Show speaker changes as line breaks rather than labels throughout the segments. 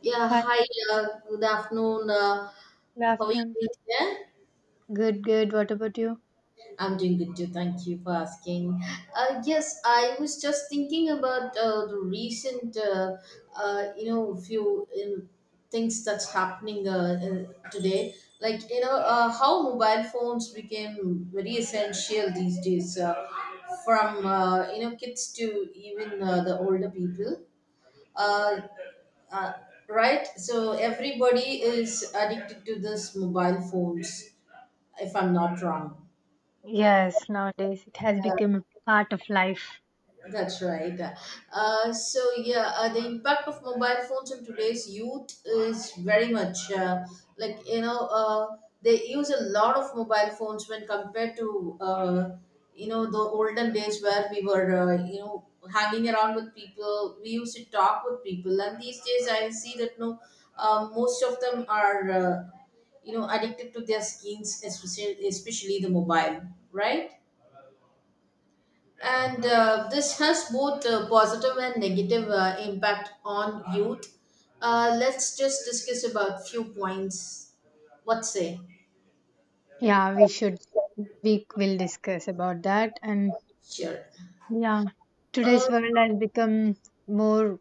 Yeah,
Hi,
hi, good afternoon.
good
How are you
afternoon.
doing today?
Good, good. What about you?
I'm doing good too. Thank you for asking. Yes, I was just thinking about the recent few in things that's happening today. How mobile phones became very essential these days, from kids to even the older people. Uh, uh, right, so everybody is addicted to this mobile phones, if I'm not wrong.
Yes, nowadays it has become a part of life.
That's right. The impact of mobile phones on today's youth is very much, they use a lot of mobile phones when compared to, the olden days where we were, hanging around with people. We used to talk with people, and these days I see that no, most of them are addicted to their screens, especially the mobile, right? And this has both positive and negative impact on youth. Let's just discuss about few points. What say?
Yeah, we should, we will discuss about that. And
Sure.
yeah,
Uh,
today's world has become more,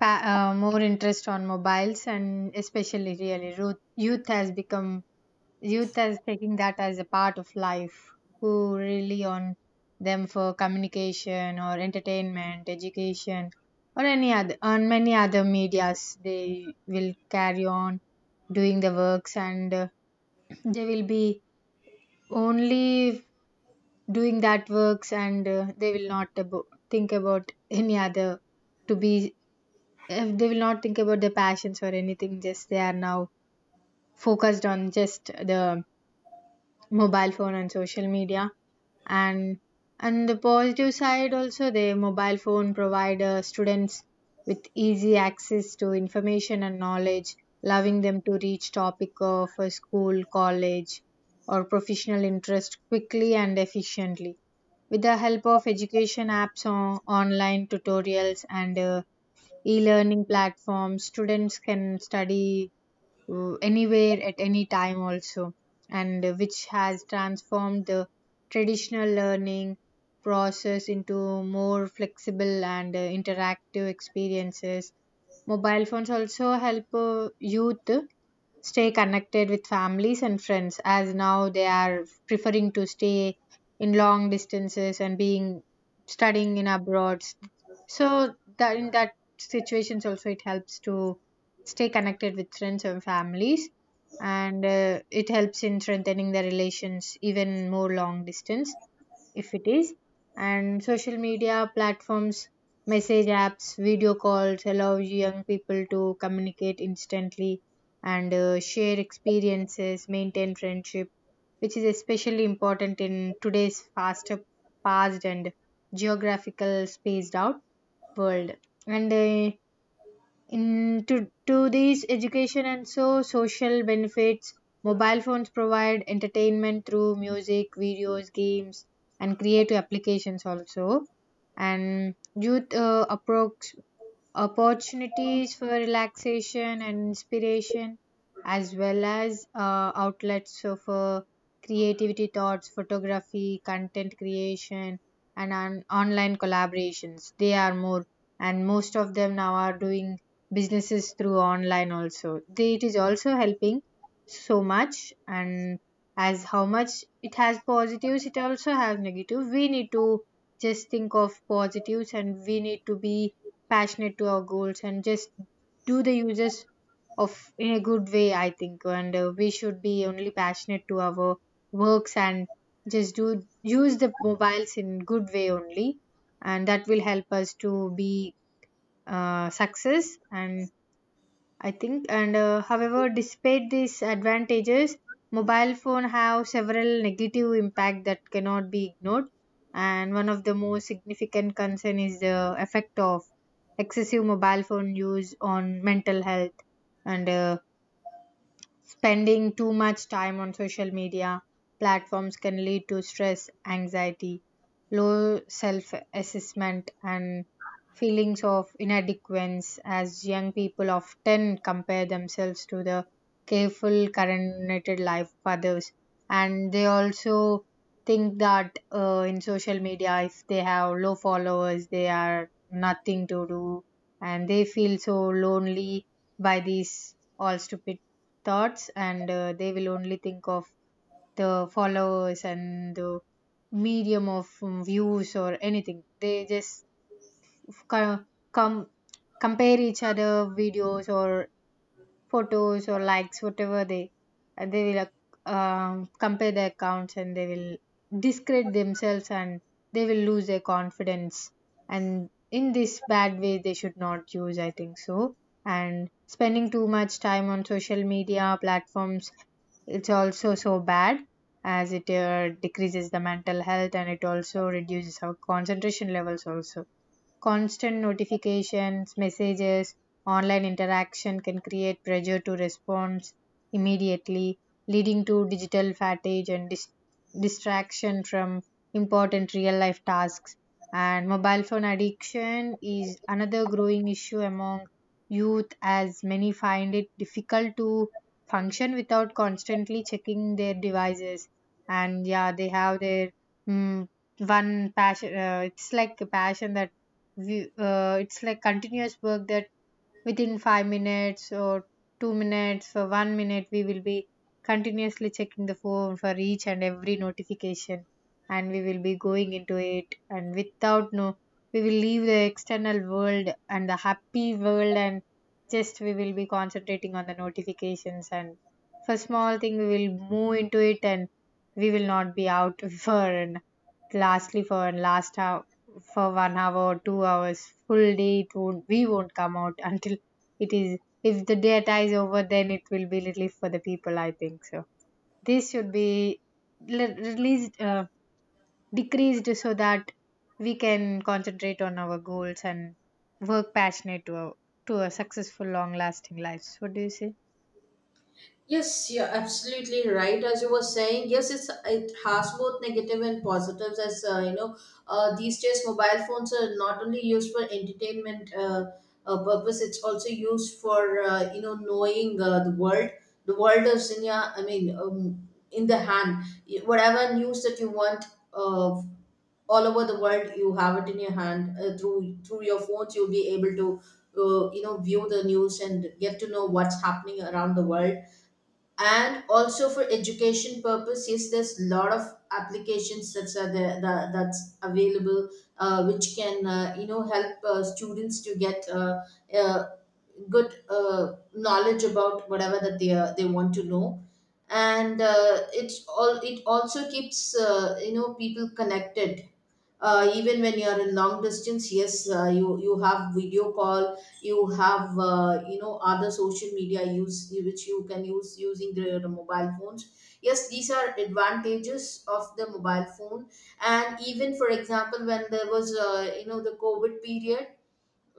pa- more interest on mobiles, and especially really youth has become. Youth is taking that as a part of life, who rely on them for communication or entertainment, education, or any other on many other medias. They will carry on doing the works, and they will be only doing that works, and they will not think about any other to be. If they will not think about their passions or anything, just they are now focused on just the mobile phone and social media, and the positive side also, the mobile phone provide students with easy access to information and knowledge, allowing them to reach topic of a school, college, or professional interest quickly and efficiently. With the help of education apps, on online tutorials, and e-learning platforms, students can study anywhere at any time also, and which has transformed the traditional learning process into more flexible and interactive experiences. Mobile phones also help youth stay connected with families and friends, as now they are preferring to stay in long distances and being studying in abroad. So that in that situations also, it helps to stay connected with friends and families, and it helps in strengthening the relations even more long distance if it is. And social media platforms, message apps, video calls allow young people to communicate instantly and share experiences, maintain friendship, which is especially important in today's faster paced and geographical spaced out world. And in to these education and so social benefits, mobile phones provide entertainment through music, videos, games, and creative applications also. And youth approach opportunities for relaxation and inspiration, as well as outlets so for creativity, thoughts, photography, content creation, and online collaborations. They are more, and most of them now are doing businesses through online also. They, it is also helping so much. And as how much it has positives, it also has negative. We need to just think of positives, and we need to be passionate to our goals, and just do the uses of in a good way, I think. And we should be only passionate to our works and just do, use the mobiles in good way only, and that will help us to be success and I think. And however, despite these advantages, mobile phone have several negative impact that cannot be ignored. And one of the most significant concern is the effect of excessive mobile phone use on mental health. And spending too much time on social media platforms can lead to stress, anxiety, low self assessment, and feelings of inadequacy, as young people often compare themselves to the careful, curated life of others. And they also think that in social media, if they have low followers, they are nothing to do, and they feel so lonely by these all stupid thoughts. And they will only think of the followers and the medium of views or anything. They just co- com- compare each other videos or photos or likes, whatever they will compare their accounts, and they will discredit themselves and they will lose their confidence. And in this bad way they should not use, I think so. And spending too much time on social media platforms, it's also so bad, as it decreases the mental health, and it also reduces our concentration levels also. Constant notifications, messages, online interaction can create pressure to respond immediately, leading to digital fatigue and distraction from important real life tasks. And mobile phone addiction is another growing issue among youth, as many find it difficult to function without constantly checking their devices. And yeah, they have their mm, one passion, it's like a passion that it's like continuous work that within 5 minutes or 2 minutes or 1 minute we will be continuously checking the phone for each and every notification, and we will be going into it, and without no, we will leave the external world and the happy world, and just we will be concentrating on the notifications. And for small thing we will move into it, and we will not be out for, and lastly for an last hour, for 1 hour, 2 hours, full day. It won't. We won't come out until it is. If the data is over, then it will be relief for the people, I think so. This should be released, decreased, so that we can concentrate on our goals and work passionate to a successful, long-lasting lives. What do you say?
Yes, you're absolutely right. As you were saying, yes, it's it has both negative and positives. These days mobile phones are not only used for entertainment purpose; it's also used for knowing the world. The world is in your, I mean, in the hand. Whatever news that you want, uh, all over the world, you have it in your hand, through your phones. You'll be able to view the news and get to know what's happening around the world, and also for education purpose. Yes, there's a lot of applications that's are there, that's available, which can help students to get uh, good knowledge about whatever that they want to know. And it also keeps people connected, even when you are in long distance. Yes, you have video call, you have other social media use, which you can use using the mobile phones. Yes, these are advantages of the mobile phone. And even, for example, when there was, the covid period,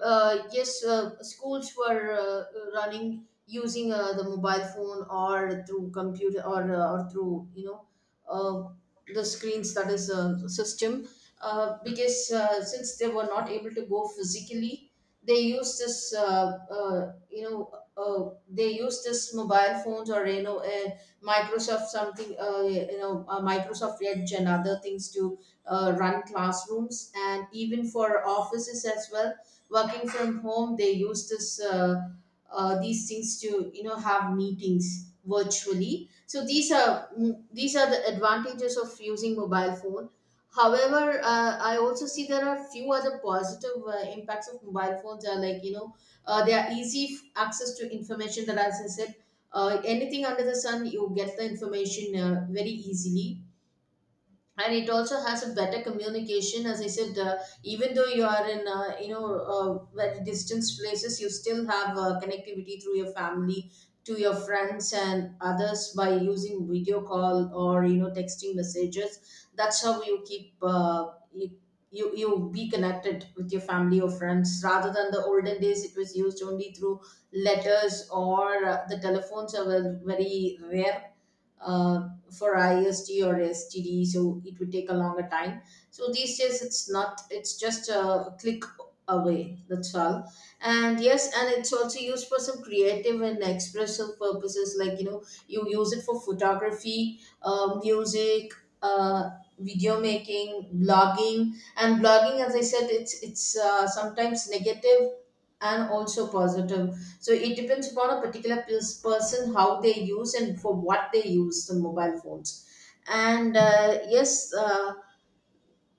yes, schools were running using the mobile phone or through computer, or through, you know, uh, the screens, that is a system, because since they were not able to go physically, they used this, they used this mobile phones, or, you know, Microsoft something, Microsoft Edge and other things to run classrooms, and even for offices as well. Working from home, they use this, these things to, you know, have meetings virtually. So these are, mm, these are the advantages of using mobile phone. However, I also see there are few other positive impacts of mobile phones, are like, you know, they are easy access to information, that as I said, anything under the sun, you get the information very easily. And it also has a better communication, as I said, even though you are in, very distant places, you still have connectivity through your family to your friends and others, by using video call or, you know, texting messages. That's how you keep, you be connected with your family or friends, rather than the olden days, it was used only through letters, or the telephones are very very rare, for IST or STD, so it would take a longer time. So these days it's not, it's just a click away, that's all. And yes, and it's also used for some creative and expressive purposes, like, you know, you use it for photography, music, uh, video making, blogging. And blogging, as I said, it's sometimes negative and also positive. So it depends upon a particular person how they use and for what they use the mobile phones. And yes,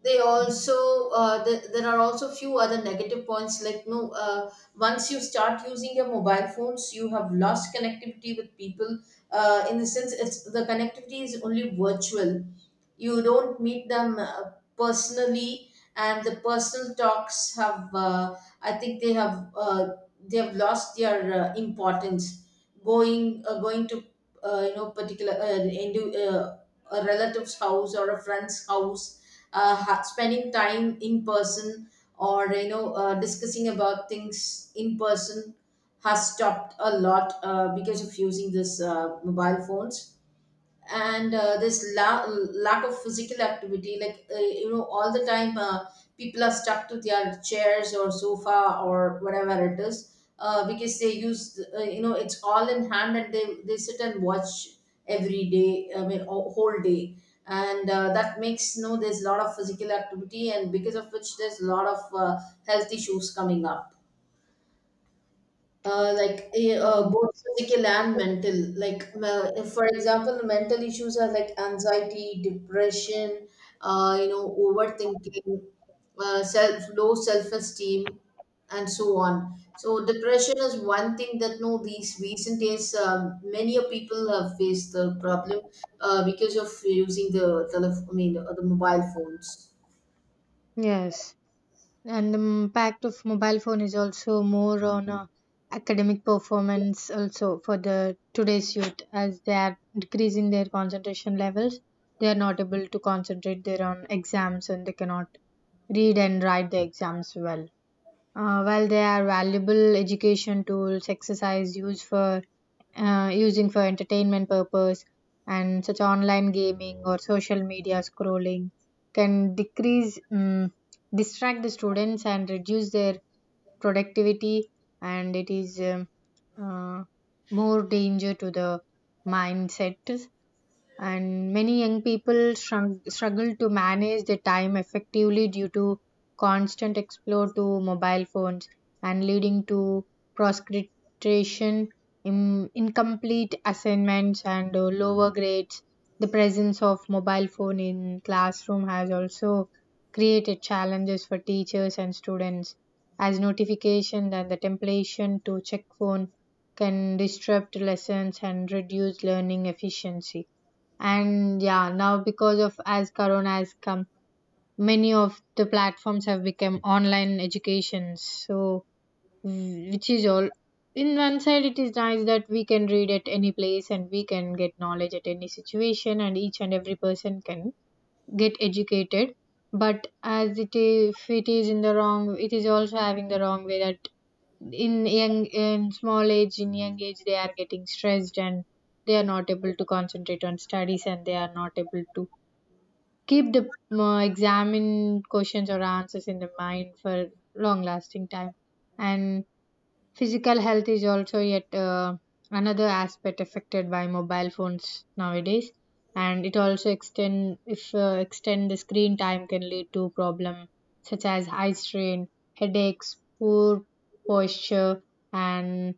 they also there are also few other negative points like, no, once you start using your mobile phones, you have lost connectivity with people, in the sense it's, the connectivity is only virtual, you don't meet them personally. And the personal talks have, I think they have, they have lost their importance. Going uh, going to uh, you know particular, into, a relative's house or a friend's house, spending time in person, or, you know, discussing about things in person, has stopped a lot, because of using this mobile phones. And this lack of physical activity, like, all the time, people are stuck to their chairs or sofa or whatever it is, because they use, it's all in hand, and they sit and watch every day, I mean, all, whole day. And that makes, you know, there's a lot of physical activity, and because of which there's a lot of health issues coming up,
Yeah.
both physical and mental. Like, if, for example, mental issues are like anxiety, depression, overthinking, self, low self esteem, and so on. So, depression is one thing that, no, these recent days, many a people have faced the problem, because of using the telephone, I mean, the mobile phones.
Yes. And the impact of mobile phone is also more on academic performance also for the today's youth, as they are decreasing their concentration levels. They are not able to concentrate their on exams, and they cannot read and write the exams well. Well, they are valuable education tools. Exercise used for using for entertainment purpose, and such online gaming or social media scrolling can distract the students and reduce their productivity, and it is uh, more danger to the mindset. And many young people struggle to manage their time effectively due to constant exposure to mobile phones, and leading to procrastination, incomplete assignments, and lower grades. The presence of mobile phone in classroom has also created challenges for teachers and students, as notification and the temptation to check phone can disrupt lessons and reduce learning efficiency. And yeah, now because of as corona has come, many of the platforms have become online education. So which is all, in one side it is nice that we can read at any place and we can get knowledge at any situation, and each and every person can get educated. But as it is, if it is in the wrong, it is also having the wrong way that in young, in small age, in young age they are getting stressed, and they are not able to concentrate on studies, and they are not able to keep the examine questions or answers in the mind for long lasting time. And physical health is also yet another aspect affected by mobile phones nowadays. And it also extend, if extend the screen time can lead to problem such as eye strain, headaches, poor posture, and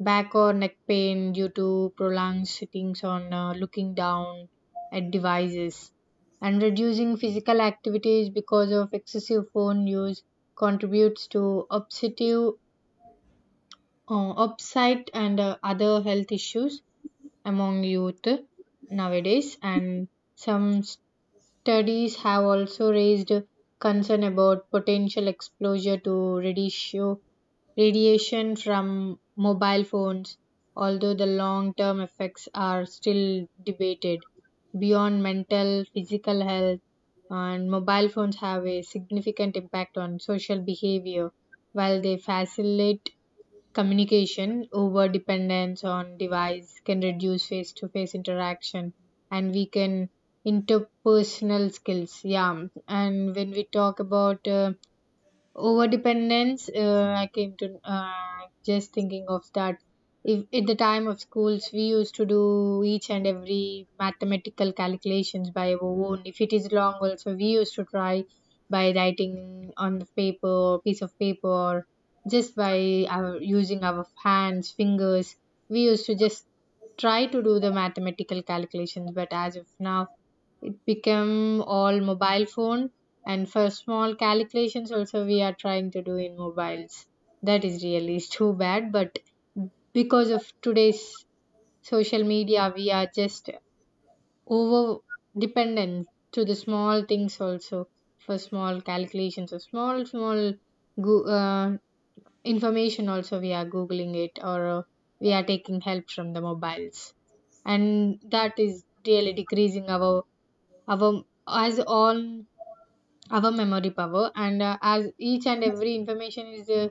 back or neck pain due to prolonged sittings on looking down at devices. And reducing physical activities because of excessive phone use contributes to obsessive upset and other health issues among youth nowadays. And some studies have also raised concern about potential exposure to radiation from mobile phones, although the long term effects are still debated. Beyond mental, physical health, and mobile phones have a significant impact on social behavior. While they facilitate communication, over dependence on device can reduce face to face interaction and weaken interpersonal skills. Yeah, and when we talk about over dependence, I came to just thinking of that, if at the time of schools we used to do each and every mathematical calculations by our own. If it is long also, we used to try by writing on the paper or piece of paper, or just by our using our hands, fingers, we used to just try to do the mathematical calculations. But as of now, it became all mobile phone, and for small calculations also we are trying to do in mobiles. That is really too bad. But because of today's social media, we are just over dependent to the small things also. For small calculations or small small go- uh, information also, we are googling it, or we are taking help from the mobiles. And that is really decreasing our, as all our memory power. And as each and every information is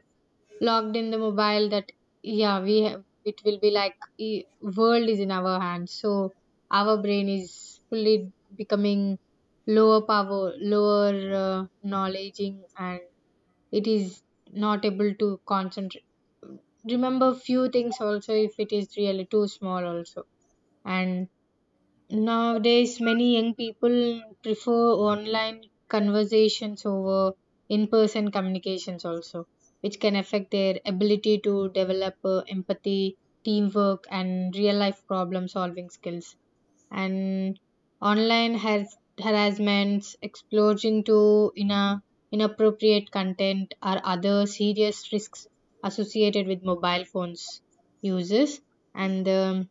logged in the mobile, that yeah we have, it will be like world is in our hands. So our brain is fully becoming lower power, lower knowledging, and it is not able to concentrate, remember few things also, if it is really too small also. And nowadays, many young people prefer online conversations over in person communications, also, which can affect their ability to develop empathy, teamwork, and real life problem solving skills. And online has harassments, explosion to inappropriate content, are other serious risks associated with mobile phones uses. And the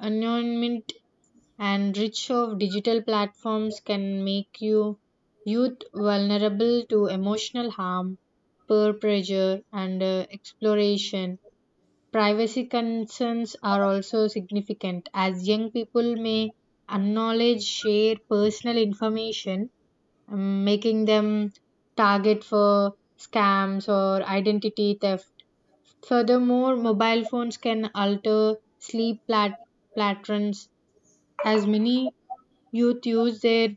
anonymity and reach of digital platforms can make youth vulnerable to emotional harm, peer pressure, and exploration. Privacy concerns are also significant, as young people may acknowledge share personal information, making them target for scams or identity theft. Furthermore, mobile phones can alter patterns, as many youth use their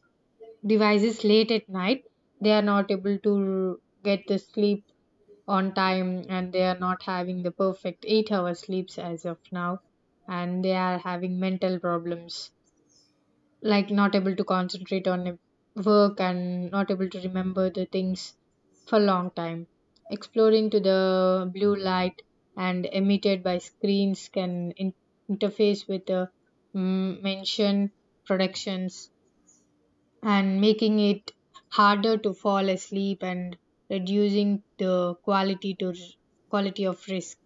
devices late at night. They are not able to get the sleep on time, and they are not having the perfect 8-hour sleeps as of now, and they are having mental problems, like not able to concentrate on work and not able to remember the things for long time. Exploring to the blue light and emitted by screens can interface with the mention productions and making it harder to fall asleep and reducing the quality of risk.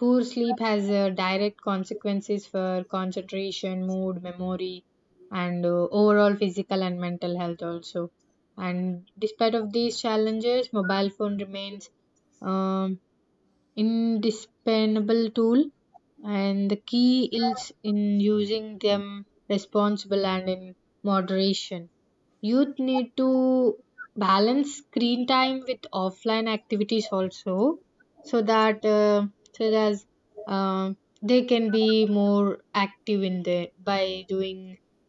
Poor sleep has direct consequences for concentration, mood, memory, and overall physical and mental health also. And despite of these challenges, mobile phone remains um, indispensable tool, and the key is in using them responsible and in moderation. Youth need to balance screen time with offline activities also, so that uh, so that they can be more active in there by doing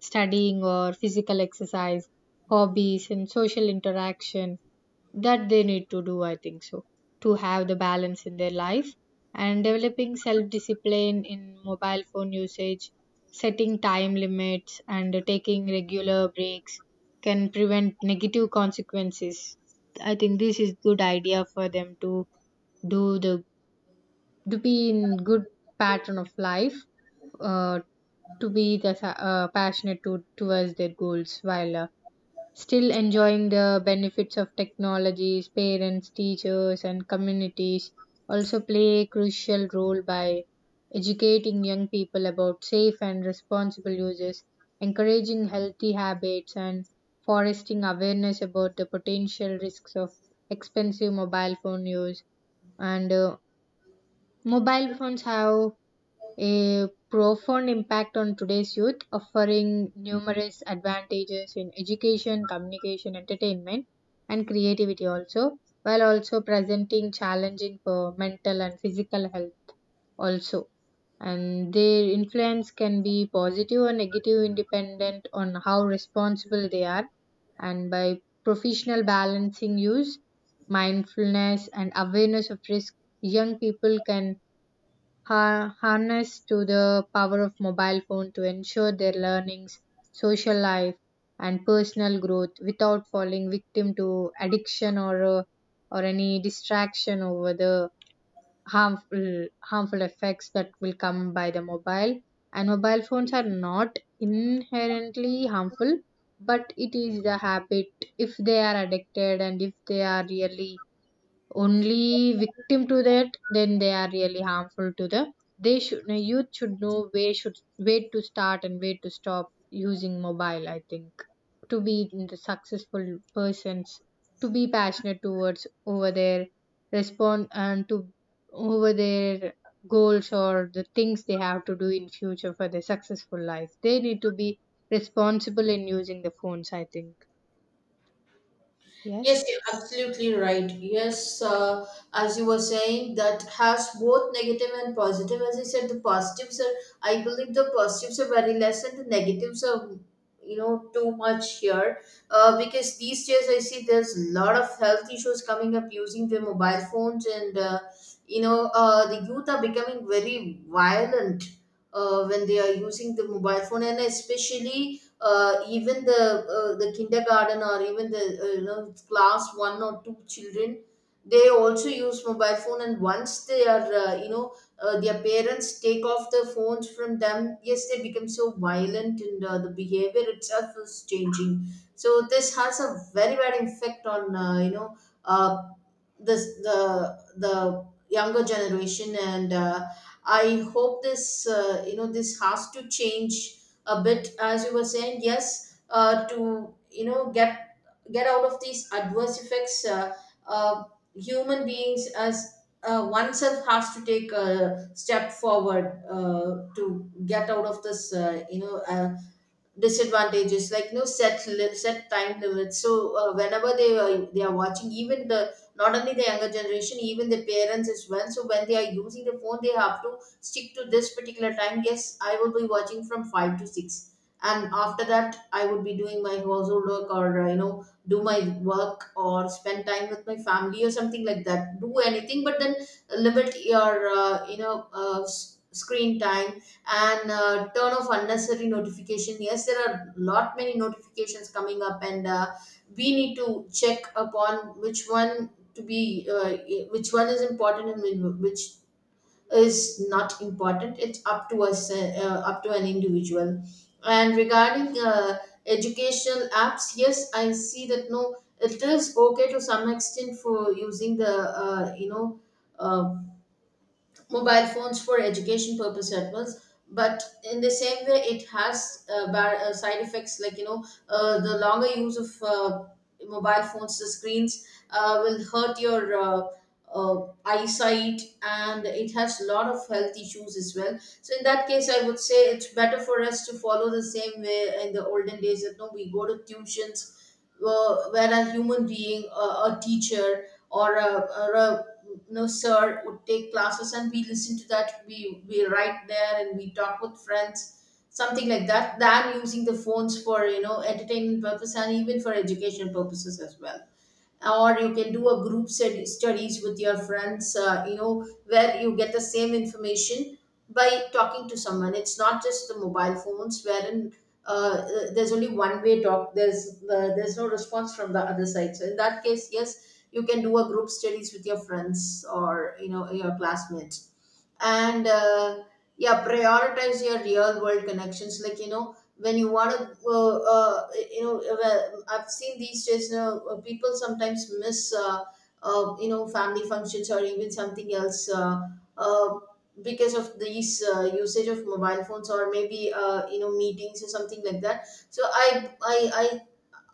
studying or physical exercise, hobbies, and social interaction that they need to do, I think so, to have the balance in their life. And developing self discipline in mobile phone usage, setting time limits, and taking regular breaks can prevent negative consequences. I think this is good idea for them to do the to be in good pattern of life, uh, to be the, passionate to, towards their goals while still enjoying the benefits of technologies. Parents, teachers, and communities also play a crucial role by educating young people about safe and responsible uses, encouraging healthy habits, and fostering awareness about the potential risks of expensive mobile phone use. And Mobile phones have a profound impact on today's youth, offering numerous advantages in education, communication, entertainment, and creativity also, while also presenting challenging for mental and physical health also. And their influence can be positive or negative, independent on how responsible they are, and by professional balancing use, mindfulness, and awareness of risk, young people can harnessed to the power of mobile phone to ensure their learnings, social life, and personal growth without falling victim to addiction or any distraction over the harmful harmful effects that will come by the mobile. And mobile phones are not inherently harmful, but it is the habit. If they are addicted and if they are really only victim to that, then they are really harmful to the they should the youth should know where should where to start and where to stop using mobile, I think, to be the successful persons, to be passionate towards over their respond and to over their goals or the things they have to do in future for their successful life. They need to be responsible in using the phones, I think.
Yes,
Yes.
you're absolutely right. Yes, as you were saying, that has both negative and positive. As I said, the positives are, I believe the positives are very less, and the negatives are, you know, too much here. Because these days I see there's a lot of health issues coming up using their mobile phones, and, the youth are becoming very violent when they are using the mobile phone. And especially, even the, the kindergarten, or even the, class one or two children, they also use mobile phone, and once they are, their parents take off the phones from them, yes, they become so violent, and the behavior itself is changing. So this has a very bad effect on, uh, this, the younger generation. And I hope this, this has to change a bit. As you were saying, yes, to, you know, get out of these adverse effects, uh, human beings, as oneself has to take a step forward to get out of this, disadvantages, like, no, set time limits. So, whenever they are watching, even the, not only the younger generation, even the parents as well. So when they are using the phone, they have to stick to this particular time. Yes, I will be watching from 5 to 6, and after that I would be doing my household work, or, you know, do my work or spend time with my family or something like that. Do anything, but then limit your, screen time. And turn off unnecessary notification. Yes, there are lot many notifications coming up, and we need to check upon which one to be, which one is important and which is not important. It's up to us, up to an individual. And regarding educational apps, yes, I see that, no, it is okay to some extent, for using the, uh, mobile phones for education purpose at once. But in the same way, it has, side effects, like, you know, the longer use of mobile phones, the screens will hurt your, eyesight, and it has a lot of health issues as well. So in that case, I would say it's better for us to follow the same way in the olden days, that no, we go to tuitions, where a human being, a teacher or a, or a no sir would take classes, and we listen to that, we write there, and we talk with friends, something like that, than using the phones for, you know, entertainment purpose, and even for education purposes as well. Or you can do a group studies with your friends, where you get the same information by talking to someone. It's not just the mobile phones, wherein, there's only one way talk, there's, there's no response from the other side. So in that case, yes, you can do a group studies with your friends, or, you know, your classmates. And yeah, prioritize your real world connections Like when you want to I've seen these days people sometimes miss family functions or even something else uh, because of these usage of mobile phones or maybe meetings or something like that. So I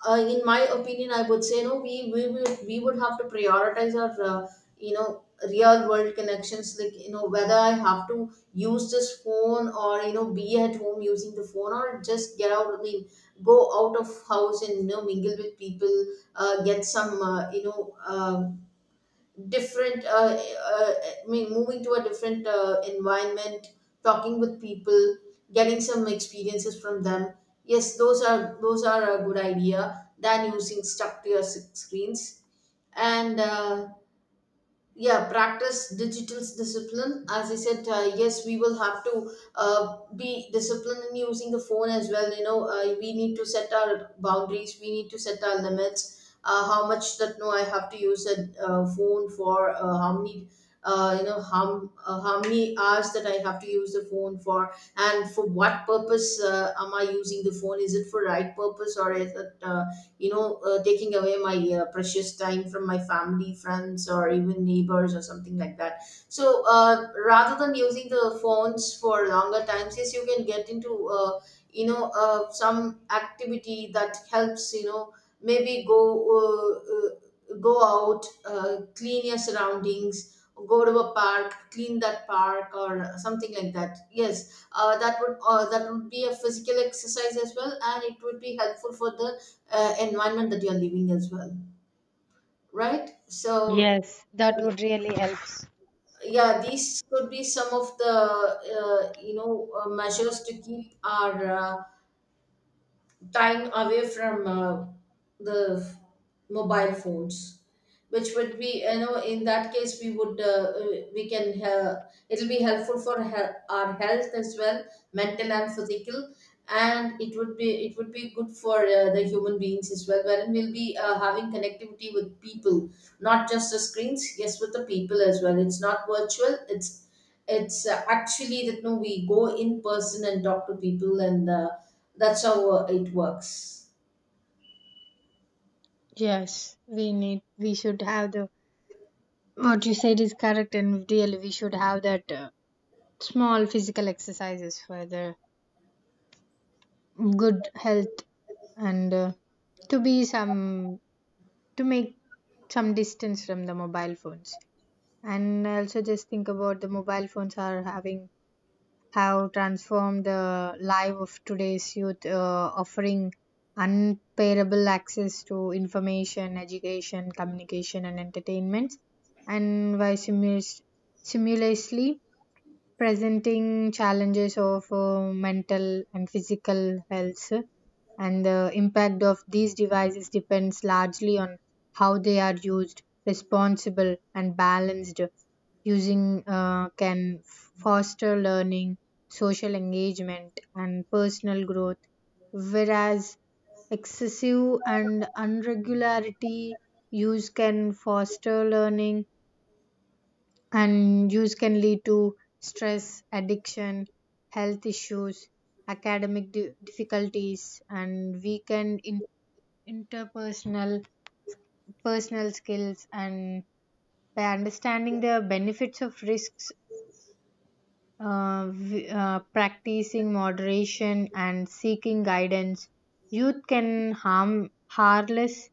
in my opinion, I would say no. We would have to prioritize our you know real world connections. Like whether I have to use this phone or be at home using the phone or just get out. I mean, go out of house and mingle with people. Get some different I mean moving to a different environment, talking with people, getting some experiences from them. Yes, those are a good idea than using stuck to your screens. And Yeah, practice digital discipline. As I said, yes, we will have to be disciplined in using the phone as well. We need to set our boundaries, we need to set our limits. How much that, no, I have to use a phone for, how many how many hours that I have to use the phone for, and for what purpose am I using the phone? Is it for right purpose or is it taking away my precious time from my family, friends, or even neighbors or something like that? So rather than using the phones for longer times, yes, you can get into some activity that helps. Maybe go go out, clean your surroundings, go to a park, clean that park or something like that. Yes, that would be a physical exercise as well, and it would be helpful for the environment that you're living as well, right? So
Yes, that would really help.
yeah, these could be some of the measures to keep our time away from the f- mobile phones, which would be, in that case we would it'll be helpful for our health as well, mental and physical. And it would be good for the human beings as well, wherein we'll be having connectivity with people, not just the screens. Yes, with the people as well. It's not virtual, it's actually that, no, we go in person and talk to people and that's how it works.
Yes, we need, we should have the, what you said is correct, and really we should have that small physical exercises for the good health and to be some, to make some distance from the mobile phones. And I also just think about the mobile phones are having have transformed the life of today's youth, offering unparable access to information, education, communication, and entertainment, and while simultaneously presenting challenges of mental and physical health. And the impact of these devices depends largely on how they are used, responsible, and balanced using can foster learning, social engagement, and personal growth, whereas excessive and irregularity use can foster learning and use can lead to stress, addiction, health issues, difficulties, and weaken in- interpersonal personal skills. And by understanding the benefits of risks, practicing moderation and seeking guidance, youth can harm harness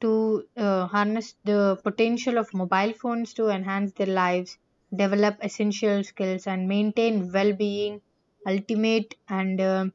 to harness the potential of mobile phones to enhance their lives, develop essential skills, and maintain well-being, ultimate and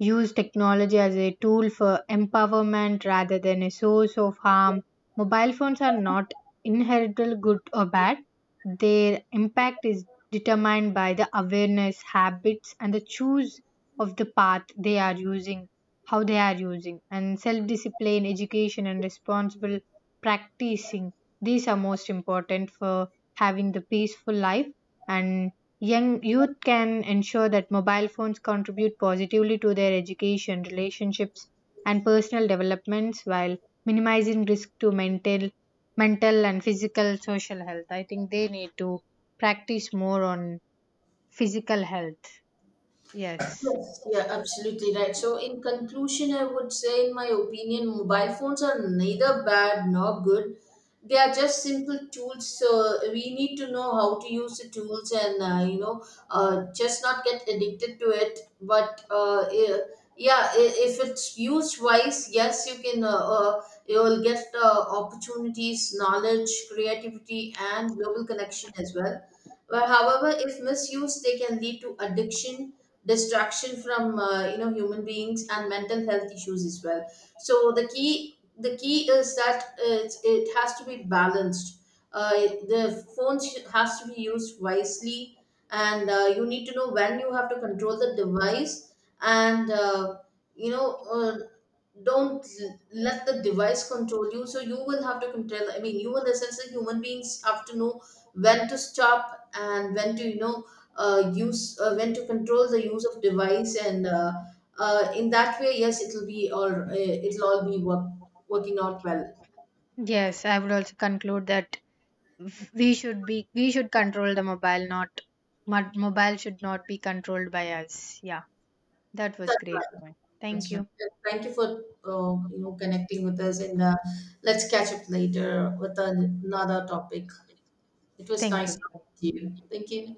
use technology as a tool for empowerment rather than a source of harm. Mobile phones are not inherently good or bad. Their impact is determined by the awareness, habits, and the choice of the path they are using, how they are using, and self discipline, education, and responsible practicing. These are most important for having the peaceful life. And Young youth can ensure that mobile phones contribute positively to their education, relationships, and personal developments while minimizing risk to mental and physical social health. I think they need to practice more on physical health. Yes.
Yes, yeah, absolutely right. So, in conclusion, I would say, in my opinion, mobile phones are neither bad nor good. They are just simple tools. So, we need to know how to use the tools and, just not get addicted to it. But, uh, eh, yeah, if it's used wise, yes, you can, you'll get opportunities, knowledge, creativity, and global connection as well. But, however, if misused, they can lead to addiction, distraction from human beings, and mental health issues as well. So the key is that it has to be balanced. The phone has to be used wisely. And You need to know when you have to control the device. And you know Don't let the device control you. So you will have to control. I mean, you will, as sense human beings, have to know when to stop and when to you know use when to control the use of device. And In that way, yes, it'll all be working out well.
Yes, I would also conclude that we should control the mobile, not mobile should not be controlled by us. Yeah. That was
That's
great
right.
point. Thank
That's right.
you.
Yeah, thank you for connecting with us and let's catch up later with another topic. It was
Thank
nice
you.
talking to you. Thank you.